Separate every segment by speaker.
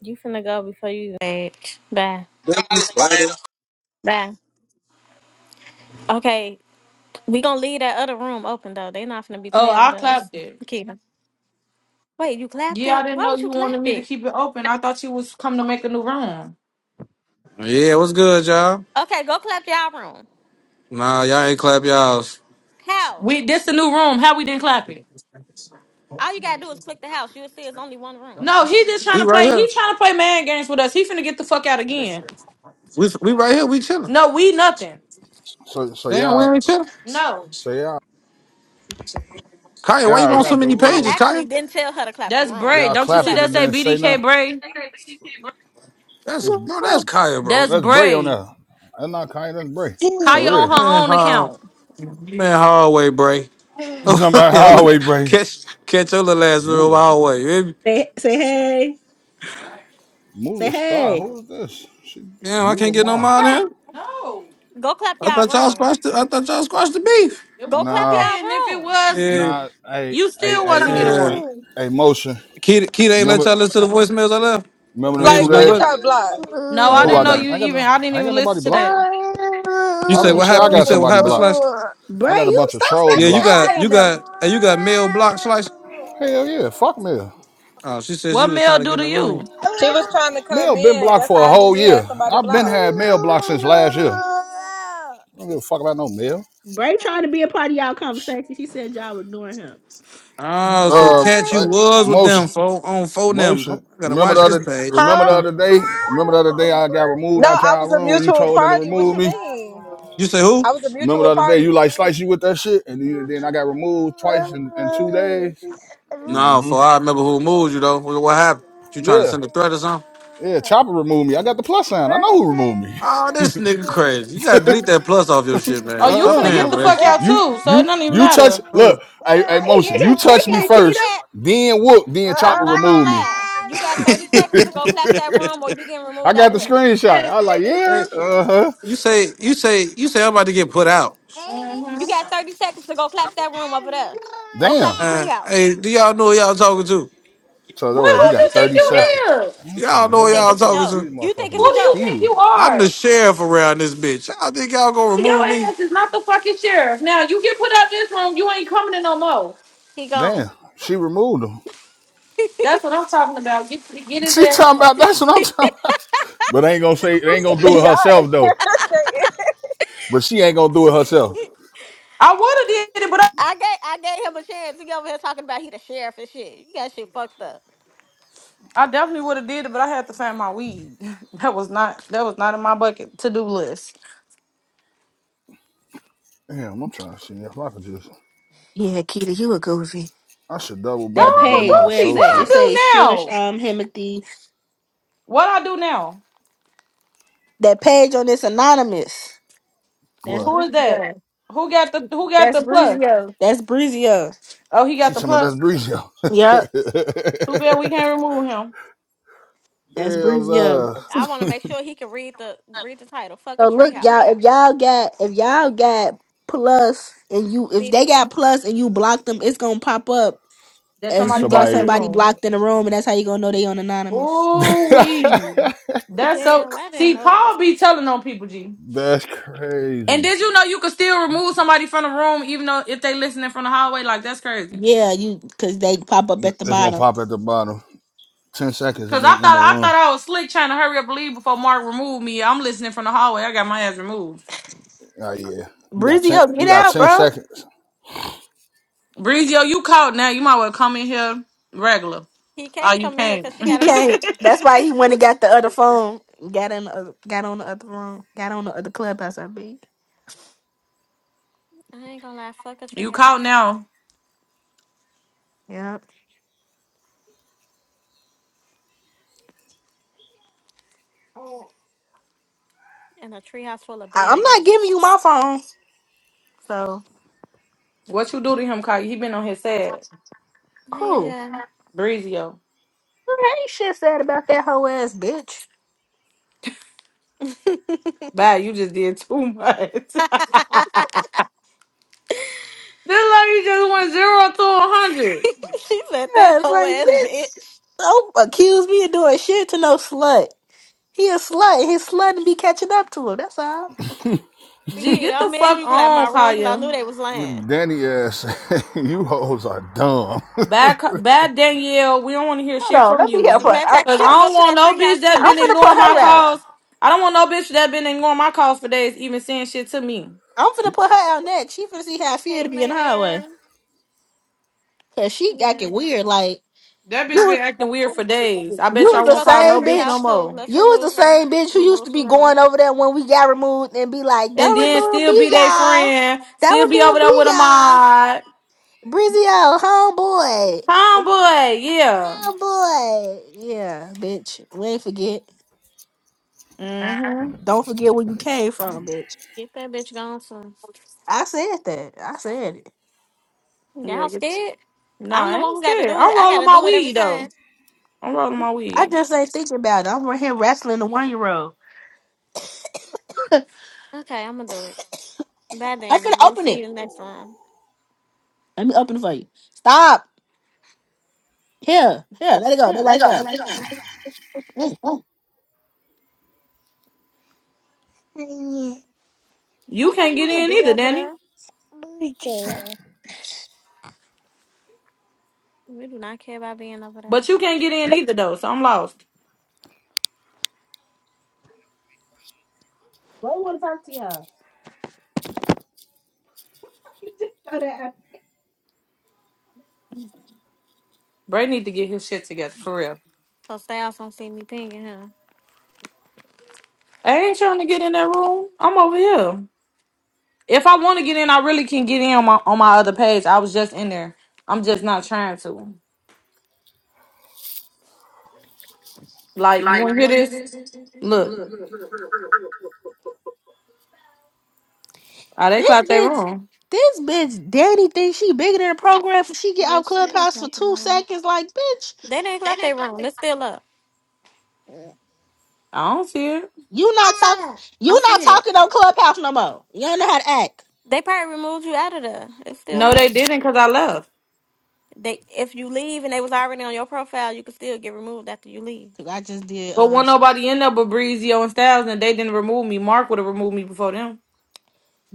Speaker 1: You finna go before you age. Bye.
Speaker 2: Billy Spider.
Speaker 1: Bye. Okay, we gonna leave that other room open though. They not finna be
Speaker 3: Oh,
Speaker 1: playing
Speaker 3: I
Speaker 1: with us.
Speaker 3: clapped it.
Speaker 1: You Keep Keita. Wait, you clapped
Speaker 3: Yeah, I
Speaker 1: it?
Speaker 3: didn't
Speaker 1: Why
Speaker 3: know
Speaker 1: would you
Speaker 3: you
Speaker 1: clap
Speaker 3: wanted me to
Speaker 1: it?
Speaker 3: keep it open. I thought you was coming to make a new room.
Speaker 4: Yeah, what's good, y'all?
Speaker 1: Okay, go clap y'all room.
Speaker 4: Nah, y'all ain't clap y'all's.
Speaker 1: How?
Speaker 3: We this a new room. How we didn't clap it?
Speaker 1: All you gotta do is click the house. You'll see it's only one room.
Speaker 3: No, he just trying
Speaker 4: We
Speaker 3: to
Speaker 4: right
Speaker 3: play.
Speaker 4: here.
Speaker 3: He trying to play man games with us. He finna get the fuck out again.
Speaker 4: We we right here. We chilling.
Speaker 3: No, we nothing.
Speaker 5: So so
Speaker 4: Damn, we
Speaker 5: y'all
Speaker 4: ain't chilling.
Speaker 3: No,
Speaker 5: so y'all
Speaker 4: Kaya,
Speaker 1: I
Speaker 4: why
Speaker 1: ain't-
Speaker 4: you
Speaker 5: y'all
Speaker 1: I
Speaker 4: on so
Speaker 5: clap the
Speaker 1: didn't
Speaker 4: many
Speaker 1: I
Speaker 4: pages,
Speaker 5: room.
Speaker 4: Kaya?
Speaker 1: actually didn't tell her to clap the
Speaker 3: that's
Speaker 1: room,
Speaker 3: Bray.
Speaker 5: Y'all
Speaker 1: but
Speaker 3: Don't
Speaker 1: she
Speaker 3: you see
Speaker 5: clapped it
Speaker 1: clapped
Speaker 3: that
Speaker 5: and
Speaker 1: it.
Speaker 3: say
Speaker 5: then say
Speaker 3: BDK
Speaker 5: nothing.
Speaker 3: Bray?
Speaker 4: That's
Speaker 5: Let's
Speaker 4: bro. That's Kaya, bro.
Speaker 3: That's
Speaker 5: let's bray on
Speaker 3: Bray.
Speaker 5: that. That's not kind. Let's bray
Speaker 3: Kaya
Speaker 5: for
Speaker 3: on
Speaker 5: real.
Speaker 3: her
Speaker 4: Man,
Speaker 3: own
Speaker 4: hard.
Speaker 3: account.
Speaker 4: man, hallway, Bray. Oh,
Speaker 5: Somebody
Speaker 4: yo, look,
Speaker 5: always bray.
Speaker 4: catch catch your little ass real
Speaker 5: Mula
Speaker 4: hallway. You hear me?
Speaker 6: Say say hey. Say
Speaker 5: Mula Star.
Speaker 6: hey.
Speaker 5: Who is this? She
Speaker 4: Damn, I
Speaker 5: Mula
Speaker 4: can't get no
Speaker 5: Mar.
Speaker 4: mind here.
Speaker 3: No,
Speaker 1: Go clap
Speaker 4: I
Speaker 1: y'all
Speaker 4: thought y'all
Speaker 1: room.
Speaker 4: squashed. The, I thought y'all squashed the beef.
Speaker 3: it
Speaker 1: Go
Speaker 3: was
Speaker 1: clap
Speaker 5: Nah
Speaker 3: okay.
Speaker 1: y'all
Speaker 3: And if it
Speaker 1: room.
Speaker 3: was,
Speaker 4: Yeah,
Speaker 5: nah. Hey
Speaker 3: you
Speaker 5: hey hey
Speaker 3: still wasn't getting
Speaker 5: hey
Speaker 4: yeah.
Speaker 3: one.
Speaker 5: hey hey. Motion.
Speaker 4: Keith, Keith ain't let y'all
Speaker 5: Remember
Speaker 4: listen to the voicemails I left.
Speaker 5: remember
Speaker 4: I
Speaker 5: them
Speaker 4: mean, for
Speaker 5: two
Speaker 7: Like, who
Speaker 4: the
Speaker 7: you
Speaker 5: days.
Speaker 4: what?
Speaker 7: got blocked?
Speaker 3: No,
Speaker 4: Oh,
Speaker 3: I
Speaker 5: Who
Speaker 4: my
Speaker 5: I
Speaker 3: didn't know
Speaker 5: got? I ain't
Speaker 3: you
Speaker 4: bad.
Speaker 5: got
Speaker 3: even.
Speaker 5: no.
Speaker 3: I didn't
Speaker 5: I ain't
Speaker 3: even
Speaker 5: got nobody
Speaker 3: listen to
Speaker 5: blocked.
Speaker 3: that.
Speaker 4: You
Speaker 5: Why
Speaker 4: say
Speaker 5: would you
Speaker 4: what
Speaker 5: say I
Speaker 4: happened? You
Speaker 5: got
Speaker 4: said what
Speaker 5: somebody
Speaker 4: happened,
Speaker 5: blocked?
Speaker 4: Slash?
Speaker 5: I
Speaker 6: Bray,
Speaker 5: got a
Speaker 6: you
Speaker 5: bunch of
Speaker 6: stop
Speaker 5: trolls
Speaker 4: Yeah,
Speaker 6: stepping
Speaker 4: you
Speaker 5: blocked.
Speaker 6: out
Speaker 4: got
Speaker 6: there,
Speaker 4: you
Speaker 6: bro.
Speaker 4: got uh, you got male block slice.
Speaker 5: Hell yeah. Fuck me.
Speaker 4: Oh, she said she
Speaker 3: What
Speaker 4: was
Speaker 3: Mel
Speaker 4: trying to get
Speaker 3: do
Speaker 4: in
Speaker 3: to
Speaker 4: the
Speaker 3: you?
Speaker 4: room.
Speaker 7: She was trying to come
Speaker 5: Mail been
Speaker 7: in.
Speaker 5: blocked
Speaker 7: That's
Speaker 5: for a
Speaker 7: how I knew
Speaker 5: whole
Speaker 7: you had
Speaker 5: year.
Speaker 7: somebody
Speaker 5: I've been
Speaker 7: blocked.
Speaker 5: had mail blocked since last year. I don't give a fuck about no mail.
Speaker 6: Bray trying to be a part of y'all conversation. She said y'all ignoring him.
Speaker 4: Oh, so
Speaker 5: Uh,
Speaker 4: catch you
Speaker 5: I,
Speaker 4: was with
Speaker 5: motion,
Speaker 4: them fo on phone them.
Speaker 5: motion.
Speaker 4: Oh, I gotta
Speaker 5: Remember the
Speaker 4: watch this
Speaker 5: other,
Speaker 4: page.
Speaker 5: remember the
Speaker 7: Huh?
Speaker 4: Huh.
Speaker 5: other day. Remember the other day I got removed
Speaker 7: No,
Speaker 5: out
Speaker 7: I was
Speaker 5: your
Speaker 7: a
Speaker 5: room. You
Speaker 7: mutual
Speaker 5: told them to
Speaker 7: party. What
Speaker 5: remove
Speaker 7: you
Speaker 5: me.
Speaker 7: mean?
Speaker 4: You say who?
Speaker 7: I was a
Speaker 5: Remember the
Speaker 7: mutual
Speaker 5: other day you
Speaker 7: party.
Speaker 5: like slice you with that shit, and you- then I got removed twice in, in two days.
Speaker 4: No,
Speaker 5: hmm
Speaker 4: for I remember who moved you though. What what happened? You trying to
Speaker 5: Yeah,
Speaker 4: send a threat or something?
Speaker 5: yeah. Chopper removed me. I got the plus sign. I know who removed me.
Speaker 4: Oh, this nigga crazy. You gotta delete that plus off your shit,
Speaker 3: Oh,
Speaker 4: man.
Speaker 3: you
Speaker 4: Stop
Speaker 5: Uh-uh,
Speaker 3: finna
Speaker 1: Hell
Speaker 4: paying
Speaker 3: get
Speaker 4: for
Speaker 3: the
Speaker 4: that
Speaker 5: no.
Speaker 3: fuck
Speaker 1: no.
Speaker 3: out
Speaker 4: shit.
Speaker 5: You
Speaker 3: too, so it
Speaker 5: you
Speaker 3: doesn't even
Speaker 5: you touch
Speaker 3: matter.
Speaker 4: Oh.
Speaker 5: look, I I
Speaker 6: Why he in
Speaker 5: motion, you
Speaker 6: here
Speaker 5: touch
Speaker 1: You
Speaker 6: kicking
Speaker 5: me
Speaker 1: got you
Speaker 6: Nikita?
Speaker 5: first,
Speaker 1: got
Speaker 5: then whoop, then chopper
Speaker 1: I'm not gonna
Speaker 5: remove me.
Speaker 1: lie. You got 30 seconds to go clap that room or you getting
Speaker 5: I
Speaker 1: removed
Speaker 5: got
Speaker 1: out
Speaker 5: the
Speaker 1: of here.
Speaker 5: screenshot. I was
Speaker 3: Mhm.
Speaker 5: like, yeah,
Speaker 4: hey,
Speaker 5: uh-huh.
Speaker 4: you say you say you say I'm about to get put out.
Speaker 1: You got 30 seconds to go clap that room over there. Go clap
Speaker 5: Damn.
Speaker 1: the
Speaker 4: Uh,
Speaker 1: treehouse.
Speaker 4: hey, do y'all know who y'all talking to?
Speaker 5: So
Speaker 3: Boy,
Speaker 5: that was you
Speaker 1: Uh,
Speaker 3: who you
Speaker 1: you
Speaker 5: got
Speaker 1: think
Speaker 3: think
Speaker 5: 30
Speaker 1: it's a
Speaker 3: you
Speaker 1: joke.
Speaker 5: seconds.
Speaker 3: is?
Speaker 5: I'm trying
Speaker 4: Y'all
Speaker 5: to go
Speaker 4: know
Speaker 1: You
Speaker 4: who
Speaker 5: on
Speaker 1: think
Speaker 5: this
Speaker 4: y'all
Speaker 1: it's a
Speaker 5: porch.
Speaker 4: talking
Speaker 1: joke.
Speaker 4: to.
Speaker 5: These
Speaker 1: You think
Speaker 5: motherfucking
Speaker 1: it's
Speaker 3: Who
Speaker 1: a
Speaker 3: do you
Speaker 1: joke.
Speaker 3: think
Speaker 5: mosquitoes.
Speaker 3: you
Speaker 4: I'm the
Speaker 3: are?
Speaker 4: sheriff around this bitch. Y'all think y'all gonna
Speaker 3: Boy, your
Speaker 4: remove me?
Speaker 3: ass is not the fucking sheriff. Now you get put out this room, you ain't coming in no more.
Speaker 1: He
Speaker 5: Damn,
Speaker 1: gone.
Speaker 5: she removed them.
Speaker 3: That's what I'm talking about. Get get his
Speaker 5: She
Speaker 3: ass
Speaker 5: talking
Speaker 3: out.
Speaker 5: about that's what I'm talking about. But ain't gonna say ain't gonna do it herself
Speaker 7: Yeah.
Speaker 5: though. But she ain't gonna do it herself.
Speaker 3: I would have did it, but I,
Speaker 1: I gave I gave him a chance. He over here talking about he the sheriff and shit. You got shit fucked up.
Speaker 3: I definitely would have did it, but I had to find my weed. That was not that was not in my bucket to do list.
Speaker 5: Damn, I'm trying to see if I can just
Speaker 8: Yeah, Keita, you a goofy.
Speaker 5: I should double
Speaker 3: Oh,
Speaker 5: back
Speaker 8: That
Speaker 5: and get
Speaker 3: I'm a
Speaker 8: page
Speaker 5: my
Speaker 8: where
Speaker 3: goofy.
Speaker 8: it's
Speaker 3: What
Speaker 8: at,
Speaker 3: I
Speaker 8: it
Speaker 5: associate.
Speaker 3: do
Speaker 8: says Shush
Speaker 3: now?
Speaker 8: um Himothy.
Speaker 3: What I do now?
Speaker 8: That page on this anonymous. That's
Speaker 5: Well.
Speaker 3: Who is that?
Speaker 8: Breezio.
Speaker 3: Who got the who got
Speaker 8: That's
Speaker 3: the plus?
Speaker 8: Breezio. That's Breezio.
Speaker 3: Oh, he got
Speaker 5: She's
Speaker 3: the
Speaker 5: talking about that's
Speaker 3: plus.
Speaker 5: Brizio.
Speaker 8: Yep.
Speaker 3: Too bad we can't remove him.
Speaker 8: That's
Speaker 5: Hell
Speaker 8: Breezio.
Speaker 5: no.
Speaker 1: I want to make sure he can read the read the title. Fuck a
Speaker 8: So look, y'all,
Speaker 1: treehouse.
Speaker 8: if y'all got if y'all got plus and you if they
Speaker 1: BD.
Speaker 8: got plus and you block them, it's gonna pop up
Speaker 3: That
Speaker 5: And
Speaker 8: as
Speaker 3: somebody
Speaker 8: you got
Speaker 3: blocked in the
Speaker 5: somebody
Speaker 8: somebody
Speaker 3: room.
Speaker 8: blocked in the room and that's how you gonna know they on anonymous.
Speaker 3: Ooh,
Speaker 5: That's
Speaker 3: wee. That's so.
Speaker 1: Damn, I didn't
Speaker 3: See,
Speaker 1: know
Speaker 3: Paul
Speaker 1: that.
Speaker 3: be telling on people, G. And
Speaker 5: crazy.
Speaker 3: did you know you could still remove somebody from the room, even though if they listening from the hallway? Like that's crazy.
Speaker 8: Yeah, you cause they pop up at the
Speaker 5: It's gonna
Speaker 8: bottom.
Speaker 5: pop at the bottom. Ten seconds
Speaker 3: Cause
Speaker 5: and
Speaker 3: I
Speaker 5: they
Speaker 3: thought
Speaker 5: in the
Speaker 3: I thought
Speaker 5: room.
Speaker 3: I was slick trying to hurry up and leave before Mark removed me. I'm listening from the hallway. I got my ass removed.
Speaker 5: Oh yeah. You got ten
Speaker 8: Breezio,
Speaker 5: you
Speaker 8: get
Speaker 5: got
Speaker 8: out,
Speaker 5: ten
Speaker 8: bro.
Speaker 5: seconds.
Speaker 3: Breezio, you caught now. You might well come in here regular.
Speaker 1: He
Speaker 3: Oh,
Speaker 1: can't
Speaker 3: you
Speaker 1: come in here
Speaker 3: can't.
Speaker 1: because she
Speaker 8: He
Speaker 1: got a mind.
Speaker 8: can't. That's why he went and got the other phone. Got in the other, got on the other phone. Got on the other clubhouse. I be,
Speaker 1: I ain't gonna lie. Fuck a
Speaker 3: you
Speaker 1: treehouse
Speaker 3: caught now.
Speaker 8: yeah. I,
Speaker 1: and a treehouse full of
Speaker 8: I'm
Speaker 1: bad
Speaker 8: not giving
Speaker 1: bitches.
Speaker 8: you my phone. So
Speaker 3: What you do to him, Kai? He been on his ass.
Speaker 1: Hey,
Speaker 8: cool.
Speaker 1: John.
Speaker 3: Breezio.
Speaker 8: I ain't shit said about that hoe ass bitch.
Speaker 3: Bad, you just did too much. this like you just went zero to a hundred.
Speaker 1: she said that
Speaker 8: Yeah, it's
Speaker 1: whole
Speaker 8: like
Speaker 1: ass
Speaker 8: bitch.
Speaker 1: bitch.
Speaker 8: Don't accuse me of doing shit to no slut. He a slut. and His slut and be catching up to him. That's all.
Speaker 3: Gee,
Speaker 1: Nikita,
Speaker 3: get the
Speaker 1: I'm mad
Speaker 3: fuck
Speaker 1: you clapped
Speaker 3: on,
Speaker 1: my room because I
Speaker 3: Kaya.
Speaker 1: knew they was lying.
Speaker 5: Danny ass you hoes are dumb.
Speaker 3: Bad, Ka- bad Danielle. We don't want to hear
Speaker 8: Hold
Speaker 3: shit
Speaker 8: on.
Speaker 3: from
Speaker 8: Let me help
Speaker 3: you.
Speaker 1: As a
Speaker 8: her.
Speaker 1: matter of
Speaker 8: I,
Speaker 1: fact,
Speaker 3: Cause
Speaker 1: she
Speaker 3: I
Speaker 8: I,
Speaker 1: can go
Speaker 3: don't
Speaker 1: to
Speaker 3: want
Speaker 1: that
Speaker 3: no bitch
Speaker 1: treehouse
Speaker 3: that
Speaker 8: I'm
Speaker 1: too.
Speaker 3: been
Speaker 8: finna put
Speaker 3: ignoring
Speaker 1: Click
Speaker 3: my
Speaker 8: her out.
Speaker 1: up.
Speaker 3: calls. I don't want no bitch that been ignoring my calls for days, even saying shit to me.
Speaker 8: I'm finna put her out next. She finna see how I feel
Speaker 1: Hey,
Speaker 8: to be in the
Speaker 1: Mayor.
Speaker 8: highway. Cause she
Speaker 1: Yeah.
Speaker 8: acting weird. Like.
Speaker 3: That bitch been acting weird for days. I
Speaker 8: You
Speaker 3: bet
Speaker 1: She
Speaker 8: was
Speaker 3: y'all
Speaker 1: can
Speaker 8: the
Speaker 3: won't
Speaker 1: go to
Speaker 3: call
Speaker 1: that
Speaker 3: no
Speaker 8: same
Speaker 3: bitch no
Speaker 1: treehouse
Speaker 8: bitch.
Speaker 1: too.
Speaker 3: more.
Speaker 1: Let's
Speaker 8: You was the
Speaker 1: remove her.
Speaker 8: same bitch who used to
Speaker 1: Remove from
Speaker 8: be
Speaker 1: room.
Speaker 8: going over there when we got removed and be like, that
Speaker 3: And
Speaker 8: would
Speaker 3: then
Speaker 8: be
Speaker 3: still
Speaker 8: be
Speaker 3: be their
Speaker 8: y'all.
Speaker 3: friend,
Speaker 8: That
Speaker 3: still
Speaker 8: would
Speaker 3: be over
Speaker 8: be
Speaker 3: there
Speaker 8: be
Speaker 3: with a
Speaker 8: y'all.
Speaker 3: mod.
Speaker 8: Brizio, homeboy.
Speaker 3: Homeboy, yeah.
Speaker 8: Homeboy. Yeah, bitch. We ain't forget.
Speaker 3: Mm-hmm.
Speaker 8: Don't forget where you came from, bitch.
Speaker 1: Get that bitch gone soon.
Speaker 8: I said that. I said it.
Speaker 3: Yeah,
Speaker 1: Y'all
Speaker 3: get
Speaker 1: scared?
Speaker 3: No,
Speaker 1: I'm
Speaker 3: I
Speaker 1: the one
Speaker 3: ain't
Speaker 1: who got to
Speaker 3: scared.
Speaker 1: do it.
Speaker 3: I'm
Speaker 1: I got
Speaker 3: rolling
Speaker 1: to
Speaker 3: my
Speaker 1: do it every
Speaker 3: weed
Speaker 1: time.
Speaker 3: though. I'm rolling my
Speaker 8: I
Speaker 3: weed.
Speaker 8: just ain't thinking about it. I'm right here wrestling the one year old.
Speaker 1: Okay, I'm going to do it. Bye,
Speaker 8: I'm
Speaker 1: Danny.
Speaker 8: finna
Speaker 1: We'll
Speaker 8: open
Speaker 1: see
Speaker 8: it.
Speaker 1: you next room.
Speaker 8: Let me open it for you. Stop. Here. Here. Let it go. Let it go.
Speaker 3: You
Speaker 1: We
Speaker 3: can't
Speaker 1: don't
Speaker 3: get
Speaker 1: want to
Speaker 3: in
Speaker 1: be
Speaker 3: either,
Speaker 1: over
Speaker 3: Danny.
Speaker 1: there. We do not care about being over there.
Speaker 3: But you can't get in either though, so I'm lost. Bray need to get his shit together for real.
Speaker 1: So Styles don't see me pinging, huh?
Speaker 3: I ain't trying to get in that room. I'm over here. If I want to get in, I really can get in on my on my other page. I was just in there. I'm just not trying to. Like, you want to hear this? Look, oh, they
Speaker 8: This
Speaker 3: clapped their
Speaker 8: bitch,
Speaker 3: room.
Speaker 8: this bitch, Danny thinks she bigger than the program. If she get out
Speaker 1: Bitch, They didn't
Speaker 8: clubhouse for
Speaker 1: clap the
Speaker 8: two
Speaker 1: room.
Speaker 8: seconds, like bitch,
Speaker 1: They didn't clap their room. It's still up.
Speaker 3: I don't see it.
Speaker 8: you not talking, you
Speaker 1: I
Speaker 8: not
Speaker 1: see it.
Speaker 8: talking on clubhouse no more. You don't know how to act.
Speaker 1: They probably removed you out of there. It's still
Speaker 3: No, they
Speaker 1: up.
Speaker 3: didn't, cause I left.
Speaker 1: They if you leave and they was already on your profile, you could still get removed after you leave.
Speaker 8: 'Cause I just did
Speaker 3: But
Speaker 8: uh
Speaker 3: when nobody in there but Breezio and Styles, and they didn't remove me. Mark would have removed me before them.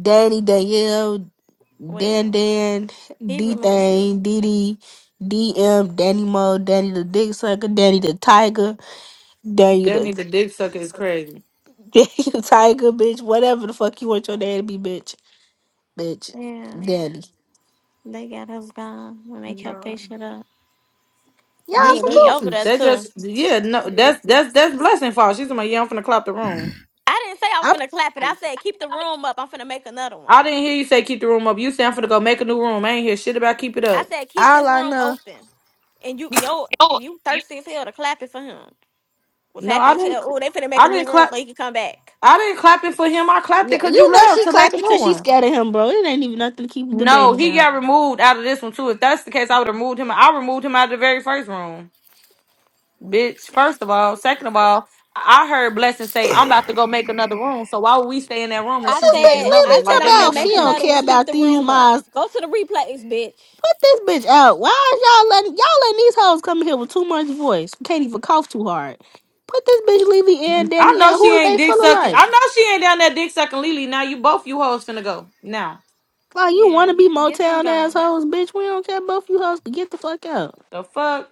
Speaker 8: Danny Danielle, Dan
Speaker 1: Well,
Speaker 8: Dan,
Speaker 1: he
Speaker 8: D
Speaker 1: removed me.
Speaker 8: Thing, DD, DM, Danny Mo, Danny the Dick Sucker, Danny the Tiger, Danny
Speaker 3: That
Speaker 8: the
Speaker 3: nigga dick sucker is crazy.
Speaker 8: Danny the Tiger, bitch. Whatever the fuck you want your name to be, bitch, bitch,
Speaker 1: Yeah.
Speaker 8: Danny.
Speaker 1: They got us gone when they kept
Speaker 3: Bro.
Speaker 1: their shit up.
Speaker 3: Yeah,
Speaker 8: Y'all
Speaker 1: He
Speaker 8: some
Speaker 3: that
Speaker 1: he over there
Speaker 8: goofies.
Speaker 3: that
Speaker 1: too.
Speaker 3: just yeah, no that's that's that's blessing fault. She's like, yeah, I'm finna clop the room.
Speaker 1: I didn't say I was finna clap it. I
Speaker 9: Hey,
Speaker 1: said keep the room up. I'm finna make another one.
Speaker 3: I didn't hear you say keep the room up. You said I'm finna go make a new room. I ain't hear shit about keep it
Speaker 1: I
Speaker 3: up.
Speaker 1: said keep
Speaker 8: All
Speaker 1: this
Speaker 8: I
Speaker 1: room
Speaker 8: know.
Speaker 1: open. And you
Speaker 9: you-
Speaker 1: yo
Speaker 9: oh,
Speaker 1: you
Speaker 9: you-
Speaker 1: thirsty as hell to clap it for him. Was
Speaker 3: No, I
Speaker 1: happy as
Speaker 3: didn't
Speaker 1: hell. Oh, they finna make
Speaker 3: I
Speaker 1: a
Speaker 3: didn't
Speaker 1: new room
Speaker 3: clap
Speaker 1: so he can come back.
Speaker 3: I didn't clap it for him. I clapped
Speaker 8: Yeah,
Speaker 3: it because you
Speaker 8: you know
Speaker 3: left
Speaker 8: she
Speaker 3: to make
Speaker 8: clapped
Speaker 3: a new
Speaker 8: because she
Speaker 3: one.
Speaker 8: scared of him, bro. It ain't even nothing to keep
Speaker 3: No,
Speaker 8: debating
Speaker 3: he
Speaker 8: about.
Speaker 3: got removed out of this one too. If that's the case, I would have removed him. I removed him out of the very first room. Bitch, first of all, second of all, I heard Blessing say, I'm about to go make another room. So why would we stay in that room and
Speaker 8: Put
Speaker 1: I
Speaker 3: she's
Speaker 8: this
Speaker 3: making
Speaker 8: bitch
Speaker 1: said,
Speaker 3: another
Speaker 1: I
Speaker 8: Lily
Speaker 3: one?
Speaker 1: said
Speaker 3: Like
Speaker 8: talking
Speaker 1: I'm
Speaker 3: that
Speaker 1: gonna
Speaker 3: makes
Speaker 8: about
Speaker 3: no
Speaker 8: she
Speaker 1: make
Speaker 3: sense.
Speaker 8: don't
Speaker 1: another one.
Speaker 8: care
Speaker 1: Keep
Speaker 8: about
Speaker 1: the
Speaker 8: these
Speaker 1: room up.
Speaker 8: mods.
Speaker 1: Go to the replays, bitch.
Speaker 8: Put this bitch out. Why is y'all letting y'all letting these hoes come here with too much voice? You can't even cough too hard. Put this bitch Lily and
Speaker 3: I know
Speaker 8: Danielle. Who
Speaker 3: she
Speaker 8: are
Speaker 3: ain't
Speaker 8: they
Speaker 3: dick
Speaker 8: feeling
Speaker 3: sucking.
Speaker 8: like?
Speaker 3: I know she ain't down there dick sucking Lily. Now you both you hoes finna go. Now
Speaker 8: Like you wanna
Speaker 1: Yeah,
Speaker 8: be
Speaker 1: get them
Speaker 8: Motown
Speaker 1: gone.
Speaker 8: assholes, bitch. We don't care both you hoes can get the fuck out.
Speaker 3: the fuck?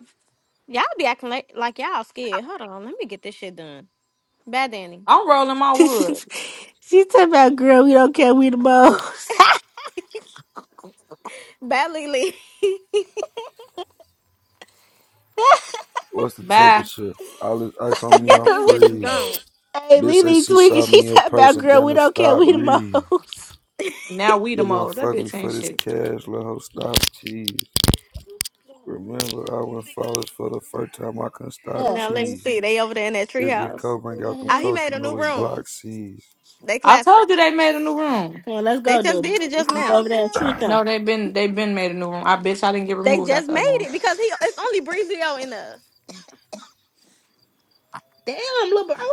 Speaker 1: Y'all be acting like, like y'all scared. Hold on, let me get this shit done. Bad Danny,
Speaker 3: I'm rolling my wood.
Speaker 8: she talking about girl, we don't care we the most.
Speaker 1: bad Lily,
Speaker 10: What's the
Speaker 3: Bye.
Speaker 10: temperature? All this ice on me,
Speaker 1: got
Speaker 10: I'm
Speaker 1: these bitches
Speaker 10: freezing.
Speaker 1: gone.
Speaker 8: hey,
Speaker 10: Bitch say
Speaker 8: Lily
Speaker 10: she
Speaker 8: Twiggy,
Speaker 10: saw
Speaker 8: she
Speaker 10: me in
Speaker 8: talking about
Speaker 10: person,
Speaker 8: girl,
Speaker 10: then
Speaker 8: we
Speaker 10: to
Speaker 8: don't care,
Speaker 10: stop
Speaker 8: we the
Speaker 10: breathing.
Speaker 8: most.
Speaker 3: Now we the
Speaker 10: You gonna
Speaker 3: mode. That
Speaker 10: fuck me
Speaker 3: bitch
Speaker 10: for
Speaker 3: ain't
Speaker 10: this
Speaker 3: shit.
Speaker 10: cash, little hoe, stop cheese. Remember, I went flawless for the first time, I couldn't stop
Speaker 8: Yeah.
Speaker 1: Now let me
Speaker 10: cheese.
Speaker 1: see. They over there in that
Speaker 10: It's getting
Speaker 1: treehouse.
Speaker 10: cold, bring out them
Speaker 1: Ah, he
Speaker 8: Come
Speaker 10: coats,
Speaker 1: made
Speaker 10: you
Speaker 1: a
Speaker 10: know
Speaker 1: new
Speaker 10: it's
Speaker 1: room.
Speaker 10: Glock season.
Speaker 1: They
Speaker 3: I
Speaker 1: clapped it.
Speaker 3: told you they made a new room.
Speaker 8: on, let's
Speaker 1: They
Speaker 8: go,
Speaker 1: just
Speaker 8: Dodie.
Speaker 1: did it just
Speaker 8: Let's go
Speaker 1: now.
Speaker 8: over there and treat them.
Speaker 3: No, they been they been made a new room. I bitch I didn't get
Speaker 1: They
Speaker 3: removed out
Speaker 1: just
Speaker 3: the other
Speaker 1: made
Speaker 3: one.
Speaker 1: it because he. It's only Breezy O in there.
Speaker 8: Damn, little bro.